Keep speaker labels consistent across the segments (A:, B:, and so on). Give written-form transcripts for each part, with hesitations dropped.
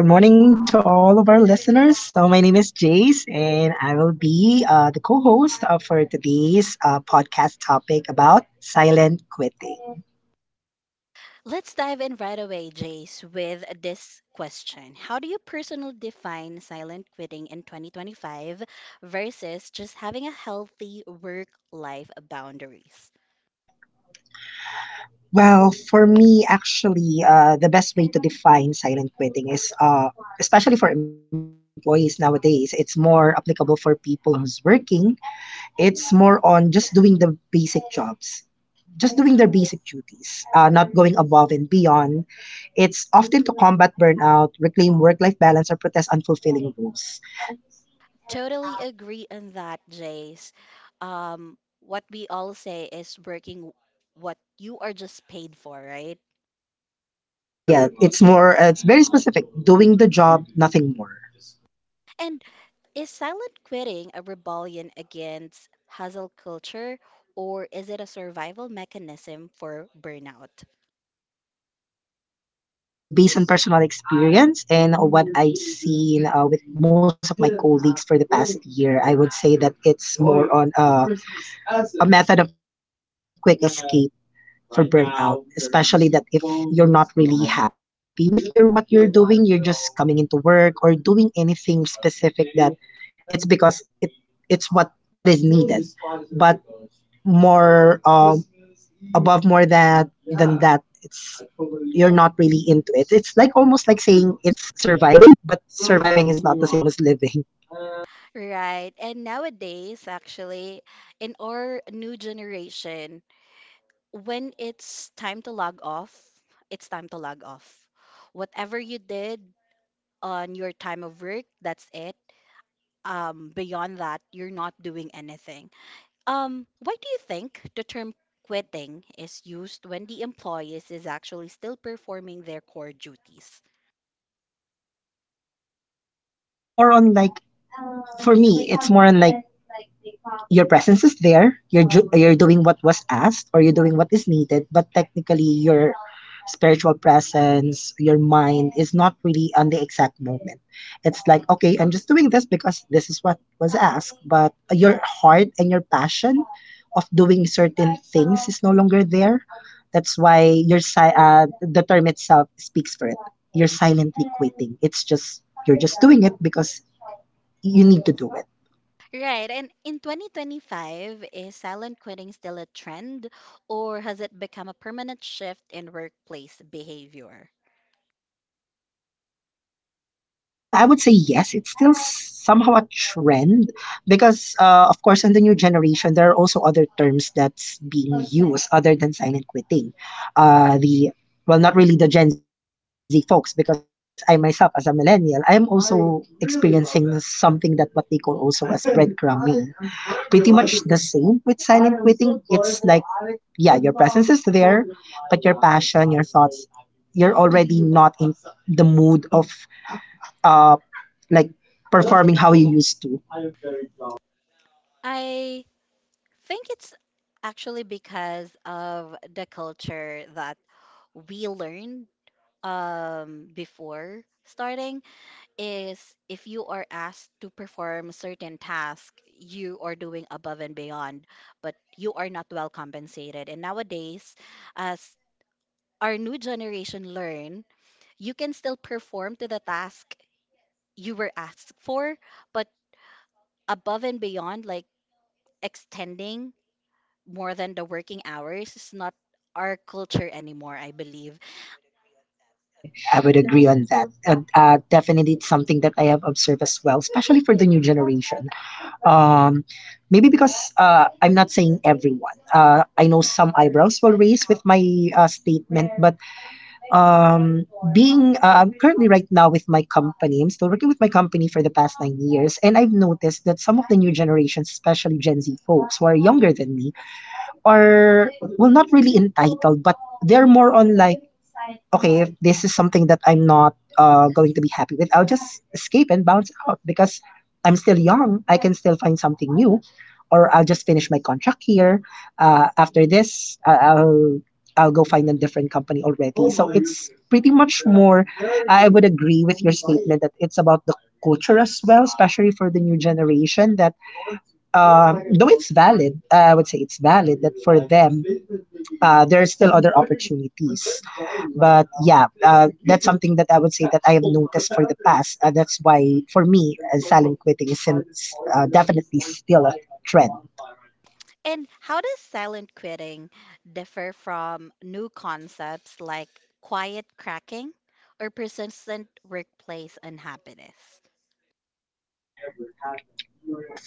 A: So, good morning to all of our listeners. So, my name is Jace, and I will be the co host for today's podcast topic about silent quitting. Well, for me, actually, the best way to define silent quitting is, especially for employees nowadays, it's more applicable for people who's working. It's more on just doing the basic jobs. Just doing their basic duties, not going above and beyond. It's often to combat burnout, reclaim work-life balance, or protest unfulfilling rules. Yeah, it's very specific, doing the job, nothing more. Well, based on personal experience and what I've seen with most of my colleagues for the past year, I would say that it's more on a method of quick escape for burnout, especially that if you're not really happy with your what you're doing, you're just coming into work or doing anything specific that it's because it's what is needed. But more, above, more that than that, it's you're not really into it. It's like almost like saying it's surviving, but surviving is not the same as living. Well, it's more on like for me, it's more on like your presence is there. You're you're doing what was asked or you're doing what is needed, but technically your spiritual presence, your mind is not really on the exact moment. It's like, okay, I'm just doing this because this is what was asked, but your heart and your passion of doing certain things is no longer there. That's why the term itself speaks for it. You're silently quitting. It's just You're just doing it because you need to do it. Well, I would say yes. It's still somehow a trend because, of course, in the new generation, there are also other terms that's being used other than silent quitting. The Well, not really the Gen Z folks because I myself, as a millennial, I am also experiencing something that what they call also as breadcrumbing. Pretty much the same with silent quitting. It's like, yeah, your presence is there, but your passion, your thoughts, you're already not in the mood of uh, like performing how you used to. But you are brave. I would agree on that. And definitely, it's something that I have observed as well, especially for the new generation. Um, Maybe because I'm not saying everyone. I know some eyebrows will raise with my statement, but um being I'm currently right now with my company. I'm still working with my company for the past 9 years, and I've noticed that some of the new generations, especially Gen Z folks who are younger than me, are, well, not really entitled, but they're more on like, okay, if this is something that I'm not going to be happy with, I'll just escape and bounce out because I'm still young. I can still find something new, or I'll just finish my contract here. After this, I'll go find a different company already. So it's pretty much more, I would agree with your statement that it's about the culture as well, especially for the new generation. That, though it's valid, I would say it's valid that for them, there are still other opportunities. But yeah, that's something that I would say that I have noticed for the past. That's why for me, silent quitting is definitely still a trend.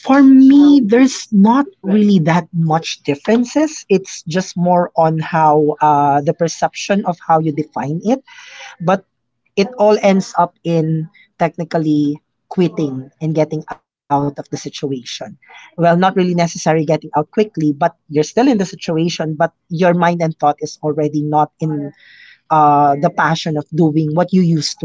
A: For me, there's not really that much differences. It's just more on how, the perception of how you define it, but it all ends up in, technically, quitting and getting out of the situation. Well, not really necessary getting out quickly, but you're still in the situation, but your mind and thought is already not in the passion of doing what you used to love.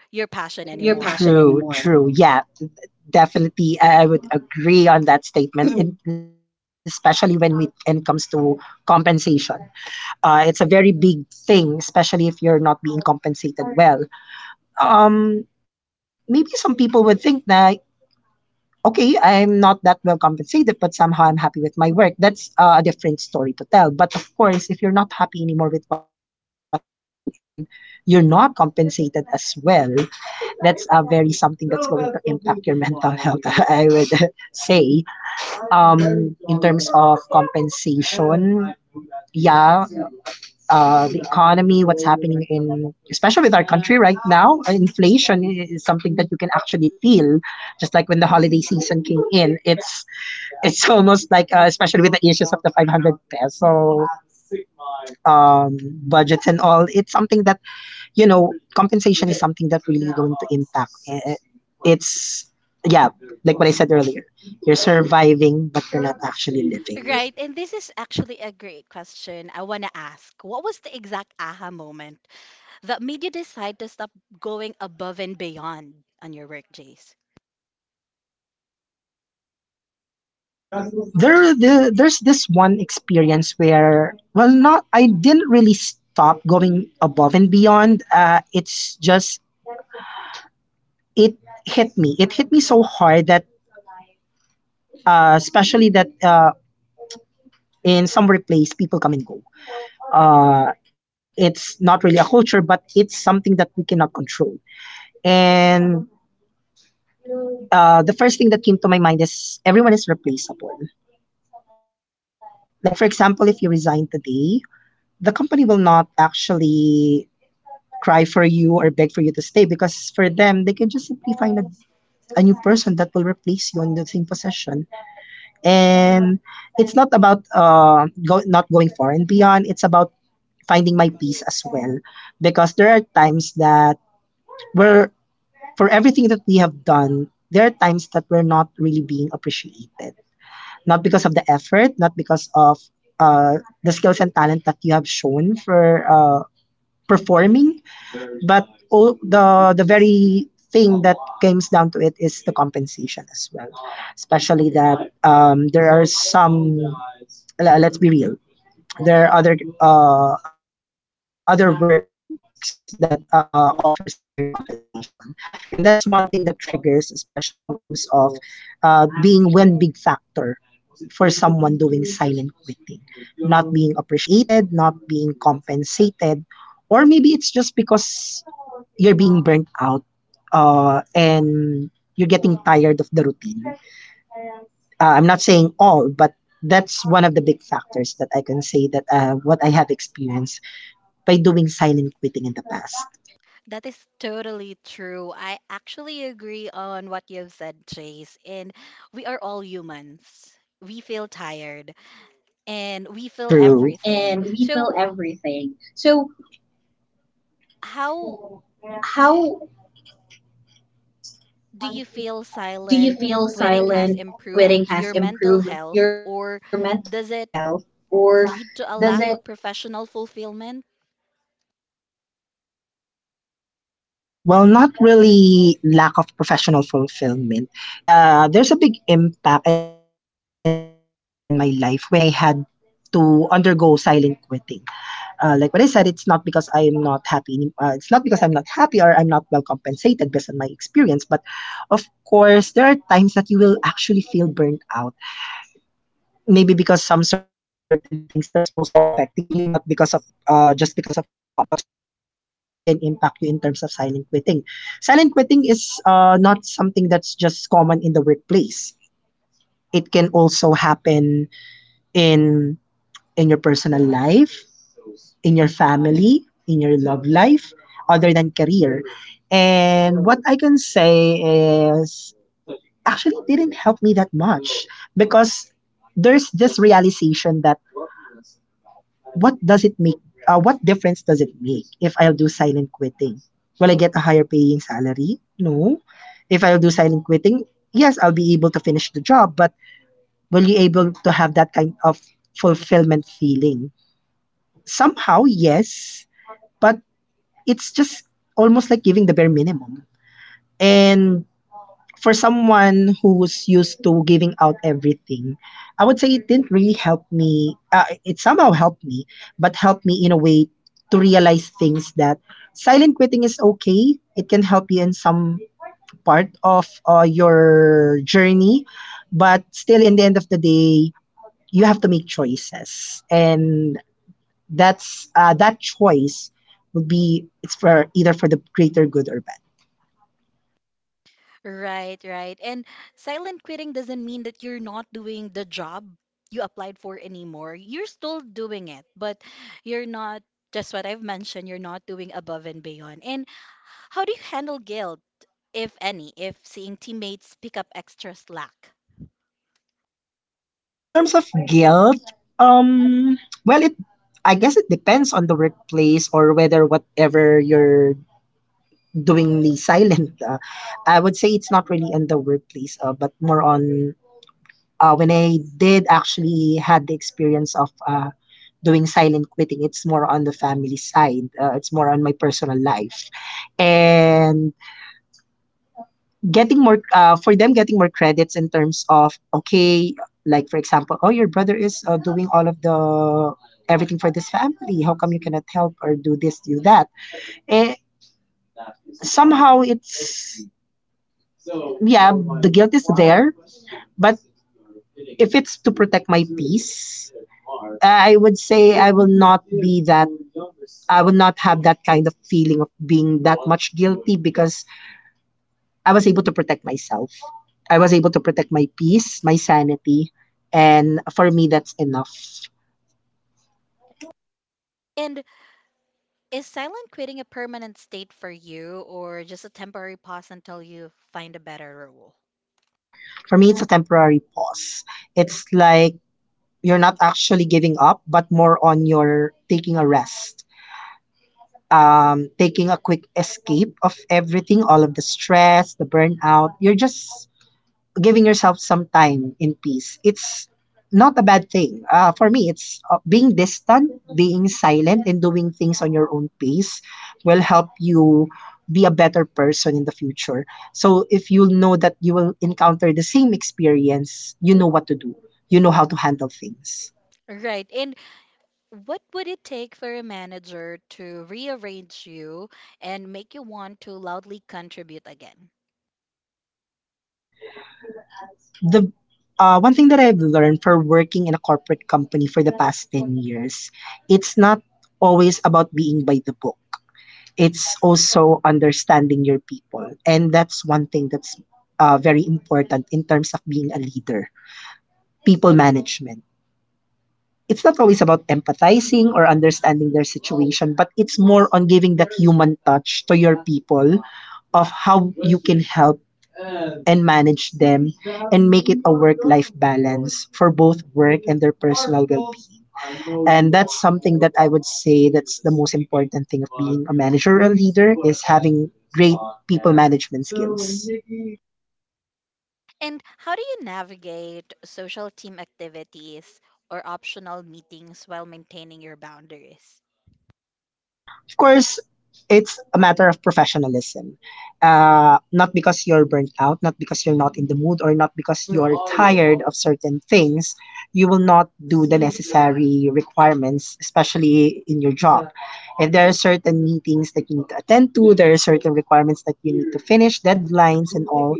A: Not for your passion, true, anymore. True. Yeah, definitely. I would agree on that statement, in, especially when it comes to compensation. It's a very big thing, especially if you're not being compensated well. Um, Maybe some people would think na, okay, I'm not that well compensated, but somehow I'm happy with my work. That's a different story to tell. But of course, if you're not happy anymore with what you're doing and you're not compensated as well, that's a very something that's going to impact your mental health, I would say. In terms of compensation, yeah, the economy, what's happening in, especially with our country right now, inflation is something that you can actually feel, just like when the holiday season came in. It's almost like, especially with the issues of the 500 peso um, budgets and all. It's something that, compensation is something that really going to impact. It's, yeah, like what I said earlier. You're surviving, but you're not actually living. There's this one experience where, well, not, I didn't really stop going above and beyond. It's just, it hit me. It hit me so hard that, especially that, in some replays, people come and go. Uh, it's not really a culture, but it's something that we cannot control. And the first thing that came to my mind is everyone is replaceable. Like, for example, if you resign today, the company will not actually cry for you or beg for you to stay because for them, they can just simply find a new person that will replace you in the same position. And it's not about not going far and beyond. It's about finding my peace as well. Because there are times that we're, for everything that we have done, there are times that we're not really being appreciated. Not because of the effort, not because of, the skills and talent that you have shown for performing, but all the very thing that comes down to it is the compensation as well, especially that, there are some, let's be real, there are other, other works that offers higher compensation, and that's one thing that triggers, especially in terms of, being one big factor for someone doing silent quitting, not being appreciated, not being compensated, or maybe it's just because you're being burnt out, and you're getting tired of the routine. I'm not saying all, but that's one of the big factors that I can say that, what I have experienced by doing silent quitting in the past. True. And we feel everything. So, has improved your mental health, or does it? Well, not really lack of professional fulfillment. There's a big impact and improvement in my life when I had to undergo silent quitting. Like what I said, it's not because I am not happy. It's not because I'm not happy or I'm not well compensated based on my experience. But of course, there are times that you will actually feel burned out, maybe because some certain things that's also affecting you, not because of, just because of your job, but also personal life can impact you in terms of silent quitting. Silent quitting is not something that's just common in the workplace. It can also happen in your personal life, in your family, in your love life, other than career. And what I can say is, actually, didn't help me that much because there's this realization that, what does it make, what difference does it make if I'll do silent quitting? Will I get a higher paying salary? No. If I'll do silent quitting, yes, I'll be able to finish the job, but will you able to have that kind of fulfillment feeling? Somehow, yes, but it's just almost like giving the bare minimum. And for someone who's used to giving out everything, I would say it didn't really help me. It somehow helped me, but helped me in a way to realize things that silent quitting is okay. It can help you in some part of your journey, but still, in the end of the day, you have to make choices and that choice would be it's for either for the greater good or bad in terms of guilt. Um well it I guess it depends on the workplace or whether whatever you're doing the silent I would say it's not really in the workplace, but more on when I did actually had the experience of doing silent quitting. It's more on the family side, it's more on my personal life, and getting more for them getting more credits in terms of, okay, like for example, oh, your brother is doing all of the everything for this family, how come you cannot help or do this, do that? eh, Somehow it's, yeah, the guilt is there, but if it's to protect my peace, I would say I will not have that kind of feeling of being that much guilty because I was able to protect myself. I was able to protect my peace, my sanity, and for me, that's enough. For me, it's a temporary pause. It's like you're not actually giving up, but more on your taking a rest, taking a quick escape of everything, all of the stress, the burnout. You're just giving yourself some time in peace. It's not a bad thing. For me, it's being distant, being silent, and doing things on your own pace will help you be a better person in the future. So if you know that you will encounter the same experience, you know what to do. You know how to handle things. The One thing that I've learned for working in a corporate company for the past 10 years, it's not always about being by the book. It's also understanding your people. And that's one thing that's very important in terms of being a leader, people management. It's not always about empathizing or understanding their situation, but it's more on giving that human touch to your people, of how you can help and manage them and make it a work life balance for both work and their personal well being. And that's something that I would say, that's the most important thing of being a manager or a leader, is having great people management skills. Of course, it's a matter of professionalism. Not because you're burnt out, not because you're not in the mood, or not because you're tired of certain things, you will not do the necessary requirements, especially in your job. If there are certain meetings that you need to attend to, there are certain requirements that you need to finish, deadlines, and all,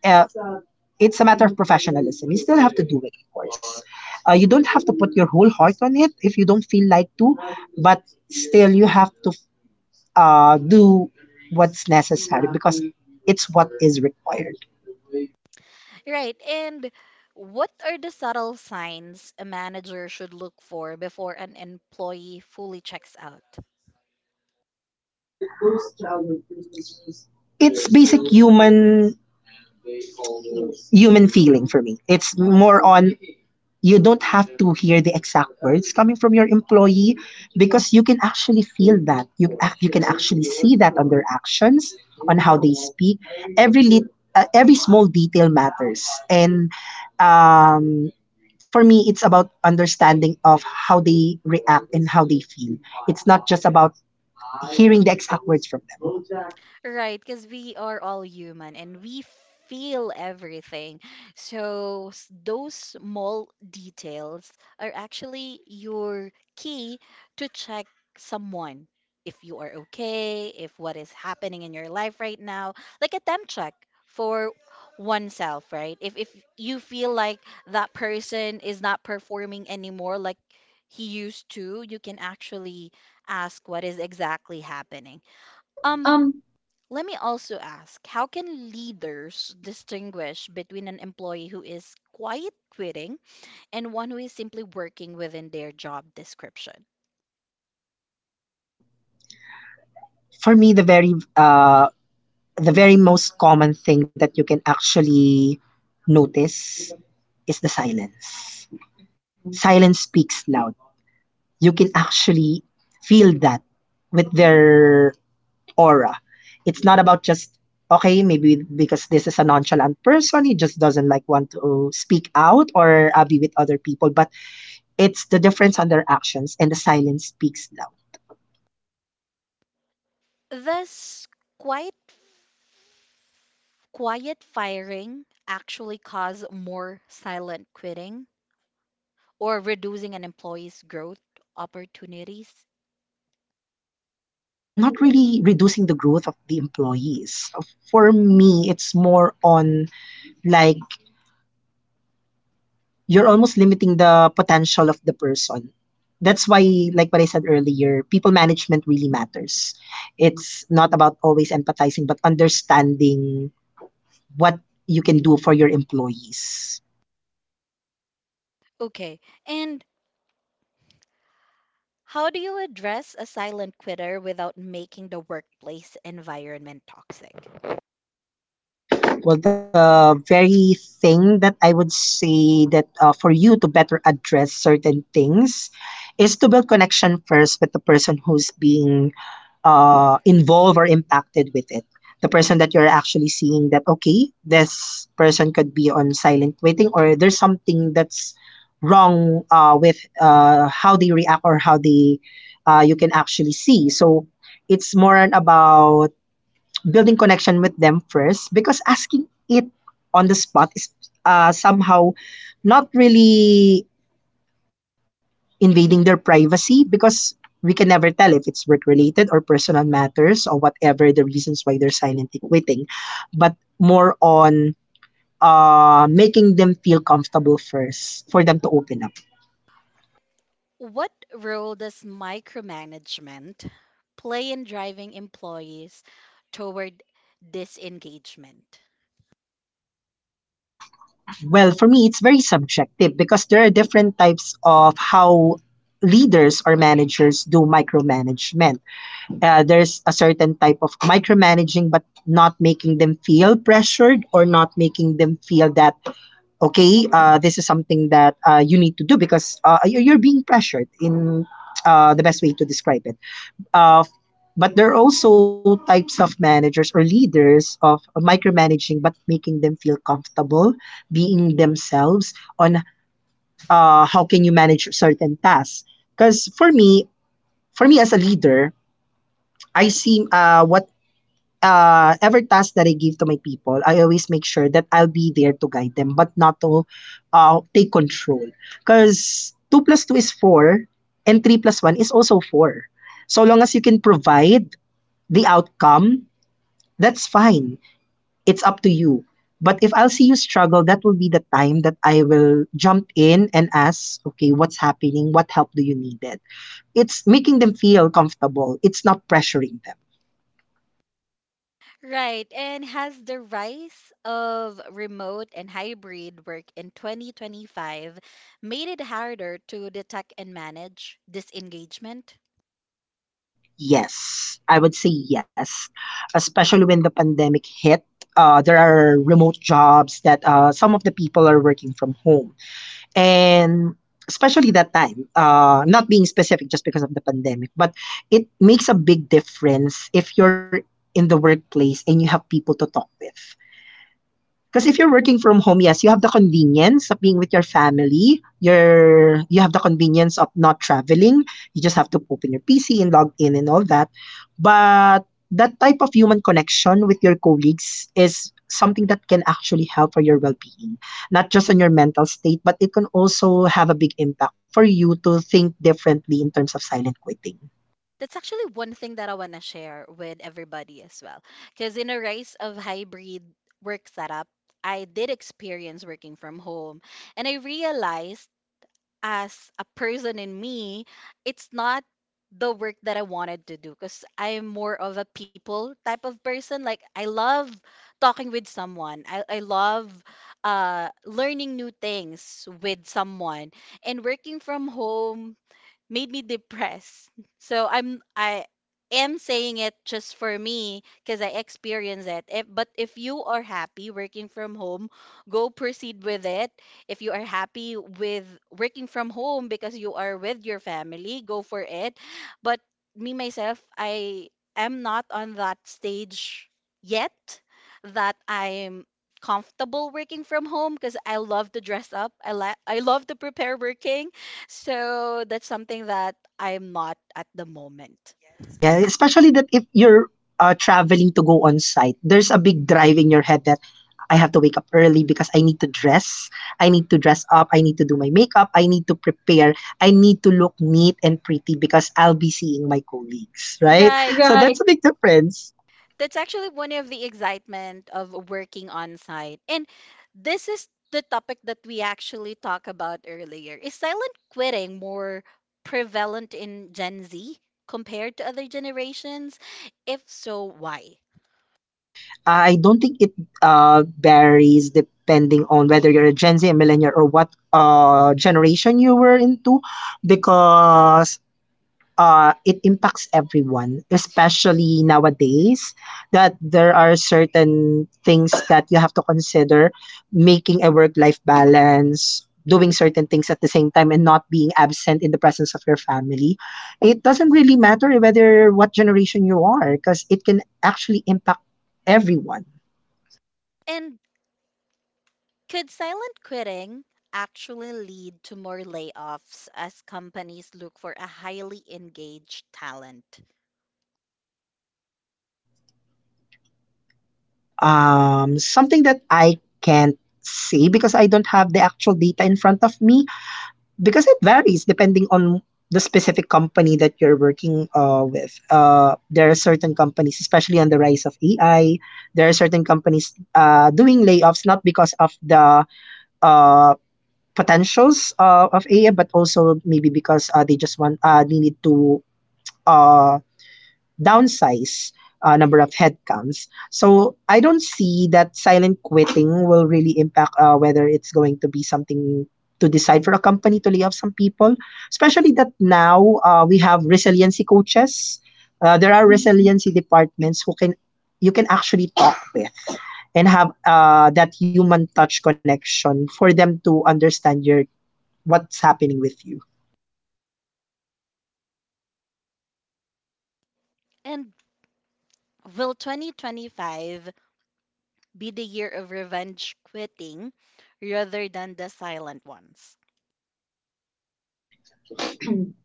A: uh, it's a matter of professionalism. You still have to do it, of course. You don't have to put your whole heart on it if you don't feel like to, but still you have to do what's necessary because it's what is required. It's basic human feeling for me. It's more on, you don't have to hear the exact words coming from your employee because you can actually feel that. You can actually see that on their actions, on how they speak. Every lit, every small detail matters. And um, for me, it's about understanding of how they react and how they feel. It's not just about hearing the exact words from them. Um, For me, the very most common thing that you can actually notice is the silence. Silence speaks loud. You can actually feel that with their aura. It's not about just, okay, maybe because this is a nonchalant person, he just doesn't like want to speak out or be with other people. But it's the difference on their actions, and the silence speaks loud. Not really reducing the growth of the employees. For me, it's more on, like, you're almost limiting the potential of the person. That's why, like what I said earlier, people management really matters. It's not about always empathizing, but understanding what you can do for your employees. Well, the very thing that I would say that for you to better address certain things is to build connection first with the person who's being involved or impacted with it. The person that you're actually seeing that, okay, this person could be on silent waiting, or there's something that's wrong with how they react or how they you can actually see. So it's more on about building connection with them first, because asking it on the spot is, somehow, not really invading their privacy because we can never tell if it's work related or personal matters or whatever the reasons why they're silently quitting, but more on making them feel comfortable first for them to open up. Well, for me, it's very subjective because there are different types of how leaders or managers do micromanagement. There's a certain type of micromanaging, but not making them feel pressured or not making them feel that, okay, this is something that you need to do because you- are being pressured in, the best way to describe it, uh, but there are also types of managers or leaders of micromanaging but making them feel comfortable being themselves on how can you manage certain tasks. Because for me, for me as a leader, I see what every task that I give to my people, I always make sure that I'll be there to guide them, but not to take control. Because 2 plus 2 is 4, and 3 plus 1 is also 4. So long as you can provide the outcome, that's fine. It's up to you. But if I'll see you struggle, that will be the time that I will jump in and ask, okay, what's happening? What help do you need? It's making them feel comfortable. It's not pressuring them. Yes, I would say yes, especially when the pandemic hit. There are remote jobs that some of the people are working from home. And especially that time, not being specific just because of the pandemic, but it makes a big difference if you're in the workplace and you have people to talk with. Because if you're working from home, yes, you have the convenience of being with your family. You have the convenience of not traveling. You just have to open your PC and log in and all that. But that type of human connection with your colleagues is something that can actually help for your well-being, not just on your mental state, but it can also have a big impact for you to think differently in terms of silent quitting. Yeah, especially that if you're traveling to go on site, there's a big drive in your head that I have to wake up early because I need to dress. I need to dress up. I need to do my makeup. I need to prepare. I need to look neat and pretty because I'll be seeing my colleagues, right? So, right, that's a big difference. I don't think it varies depending on whether you're a Gen Z, a millennial, or what generation you were into, because it impacts everyone, especially nowadays, that there are certain things that you have to consider, making a work life balance, doing certain things at the same time, and not being absent in the presence of your family. It doesn't really matter whether what generation you are, because it can actually impact everyone. Something that I can't say because I don't have the actual data in front of me, because it varies depending on the specific company that you're working with. There are certain companies, especially on the rise of AI, there are certain companies doing layoffs not because of the uh, potentials of AI, but also maybe because they just want they need to uh, downsize number of headcounts. So I don't see that silent quitting will really impact whether it's going to be something to decide for a company to lay off some people, especially that now we have resiliency coaches. There are resiliency departments who can, you can actually talk with, and have that human touch connection for them to understand your, what's happening with you.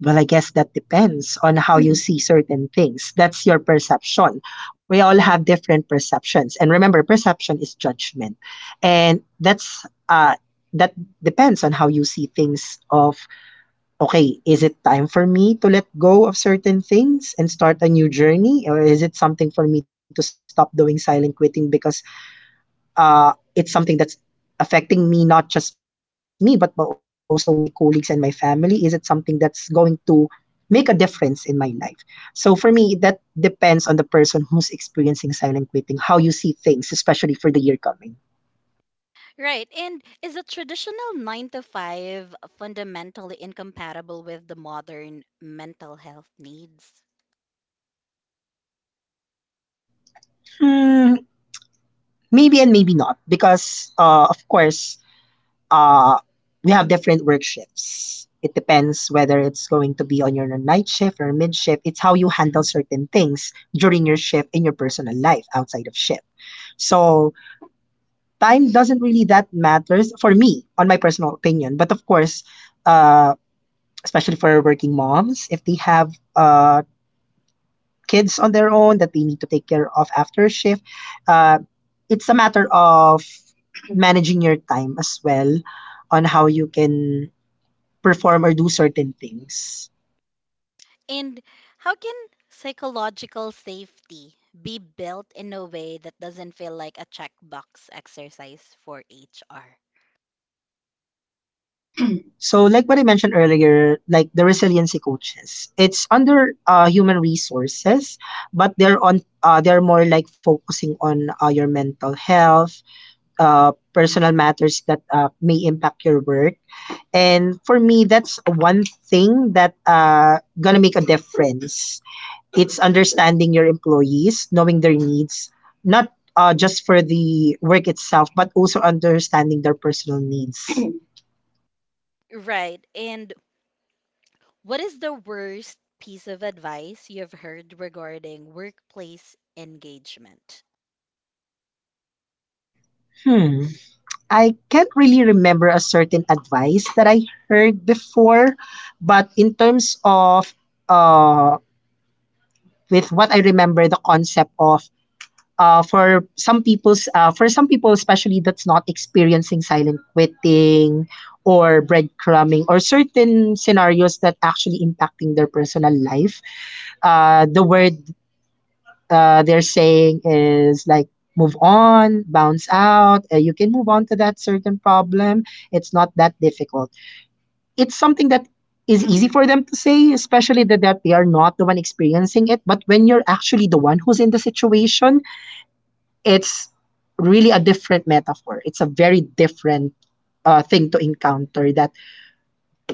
A: Well, I guess that depends on how you see certain things. That's your perception. We all have different perceptions. And remember, perception is judgment. And that depends on how you see things of, okay, is it time for me to let go of certain things and start a new journey, or is it something for me to stop doing silent quitting because it's something that's affecting me, not just me, but also my colleagues and my family? Is it something that's going to make a difference in my life? So for me, that depends on the person who's experiencing silent quitting, how you see things, especially for the year coming. Hmm, maybe and maybe not, because of course, uh, we have different work shifts. It depends whether it's going to be on your night shift or mid shift. It's how you handle certain things during your shift, in your personal life outside of shift. So time doesn't really that matters for me, on my personal opinion. But of course, uh, especially for working moms, if they have kids on their own that they need to take care of after shift, uh, it's a matter of managing your time as well, on how you can perform or do certain things. So, like what I mentioned earlier, like the resiliency coaches, it's under human resources, but they're more like focusing on your mental health, personal matters that may impact your work. And for me, that's one thing that gonna make a difference. It's understanding your employees, knowing their needs, not just for the work itself, but also understanding their personal needs. Hmm. I can't really remember a certain advice that I heard before, but in terms of uh, with what I remember, the concept of for some people, especially that's not experiencing silent quitting or breadcrumbing or certain scenarios that actually impacting their personal life, uh, the word they're saying is like move on, bounce out, you can move on to that certain problem. It's not that difficult. It's something that is easy for them to say, especially that, that they are not the one experiencing it. But when you're actually the one who's in the situation, it's really a different metaphor. It's a very different thing to encounter. That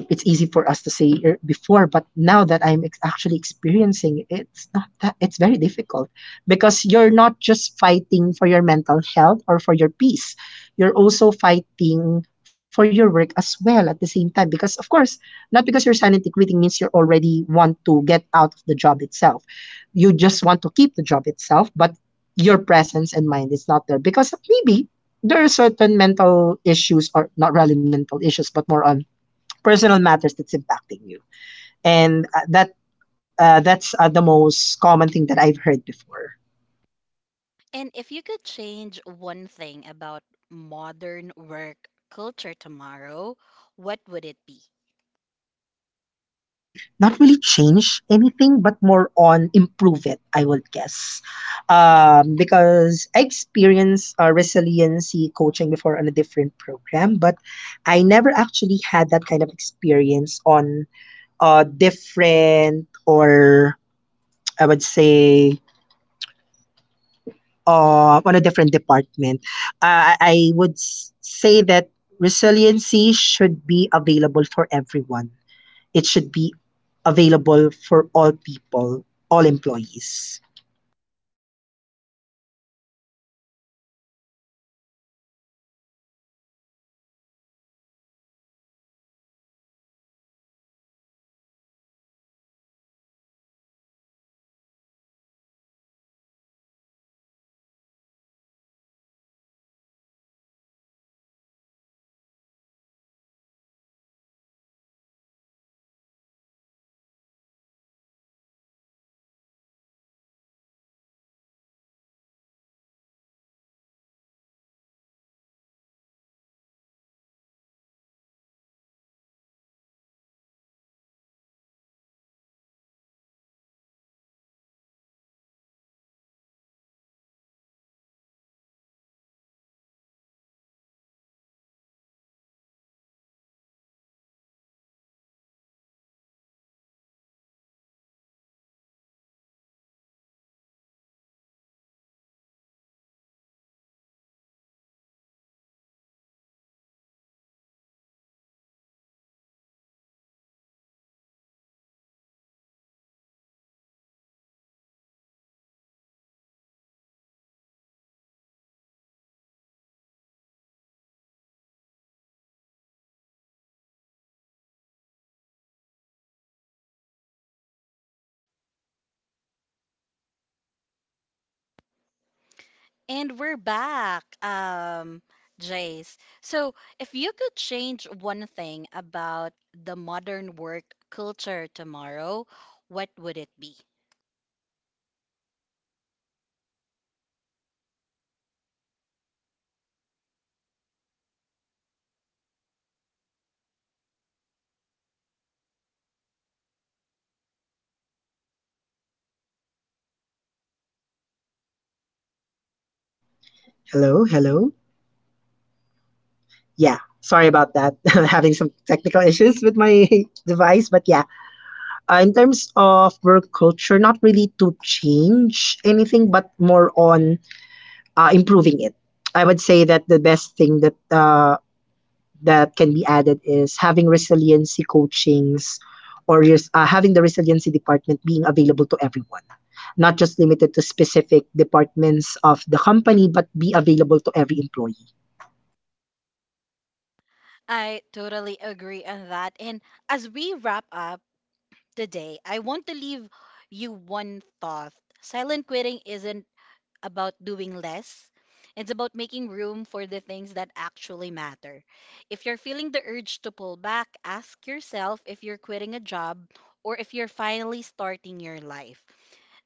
A: it's easy for us to say before, but now that actually experiencing, it's not that, it's very difficult, because you're not just fighting for your mental health or for your peace, you're also fighting for your work as well at the same time, because, of course, not because you're silently quitting means you already want to get out of the job itself, you just want to keep the job itself, but your presence and mind is not there because maybe there are certain mental issues, or not really mental issues but more on personal matters that's impacting you. And that's the most common thing that I've heard before. Not really change anything, but more on improve it, I would guess. Because I experienced resiliency coaching before on a different program, but I never actually had that kind of experience on different or I would say on a different department. Say that resiliency should be available for everyone. It should be available for all people, all employees.
B: And we're back, Jace. So, if you could change one thing about the modern work culture tomorrow, what would it be?
A: Well, for me, the not really the culture itself. Hello, hello, hello. Yeah, sorry about that. Having some technical issues with my device, but yeah. In terms of work culture, not really to change anything, but more on improving it. I would say that the best thing that that can be added is having resiliency coachings having the resiliency department being available to everyone, not just limited to specific departments of the company, but be available to every employee.
B: I totally agree on that. And as we wrap up today, I want to leave you one thought. Silent quitting isn't about doing less. It's about making room for the things that actually matter. If you're feeling the urge to pull back, ask yourself if you're quitting a job or if you're finally starting your life.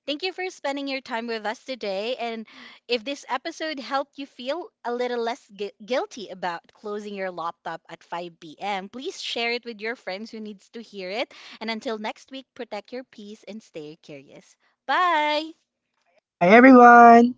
B: Thank you for spending your time with us today. And if this episode helped you feel a little less guilty about closing your laptop at 5 p.m., please share it with your friends who needs to hear it. And until next week, protect your peace and stay curious. Bye.
A: Hi everyone.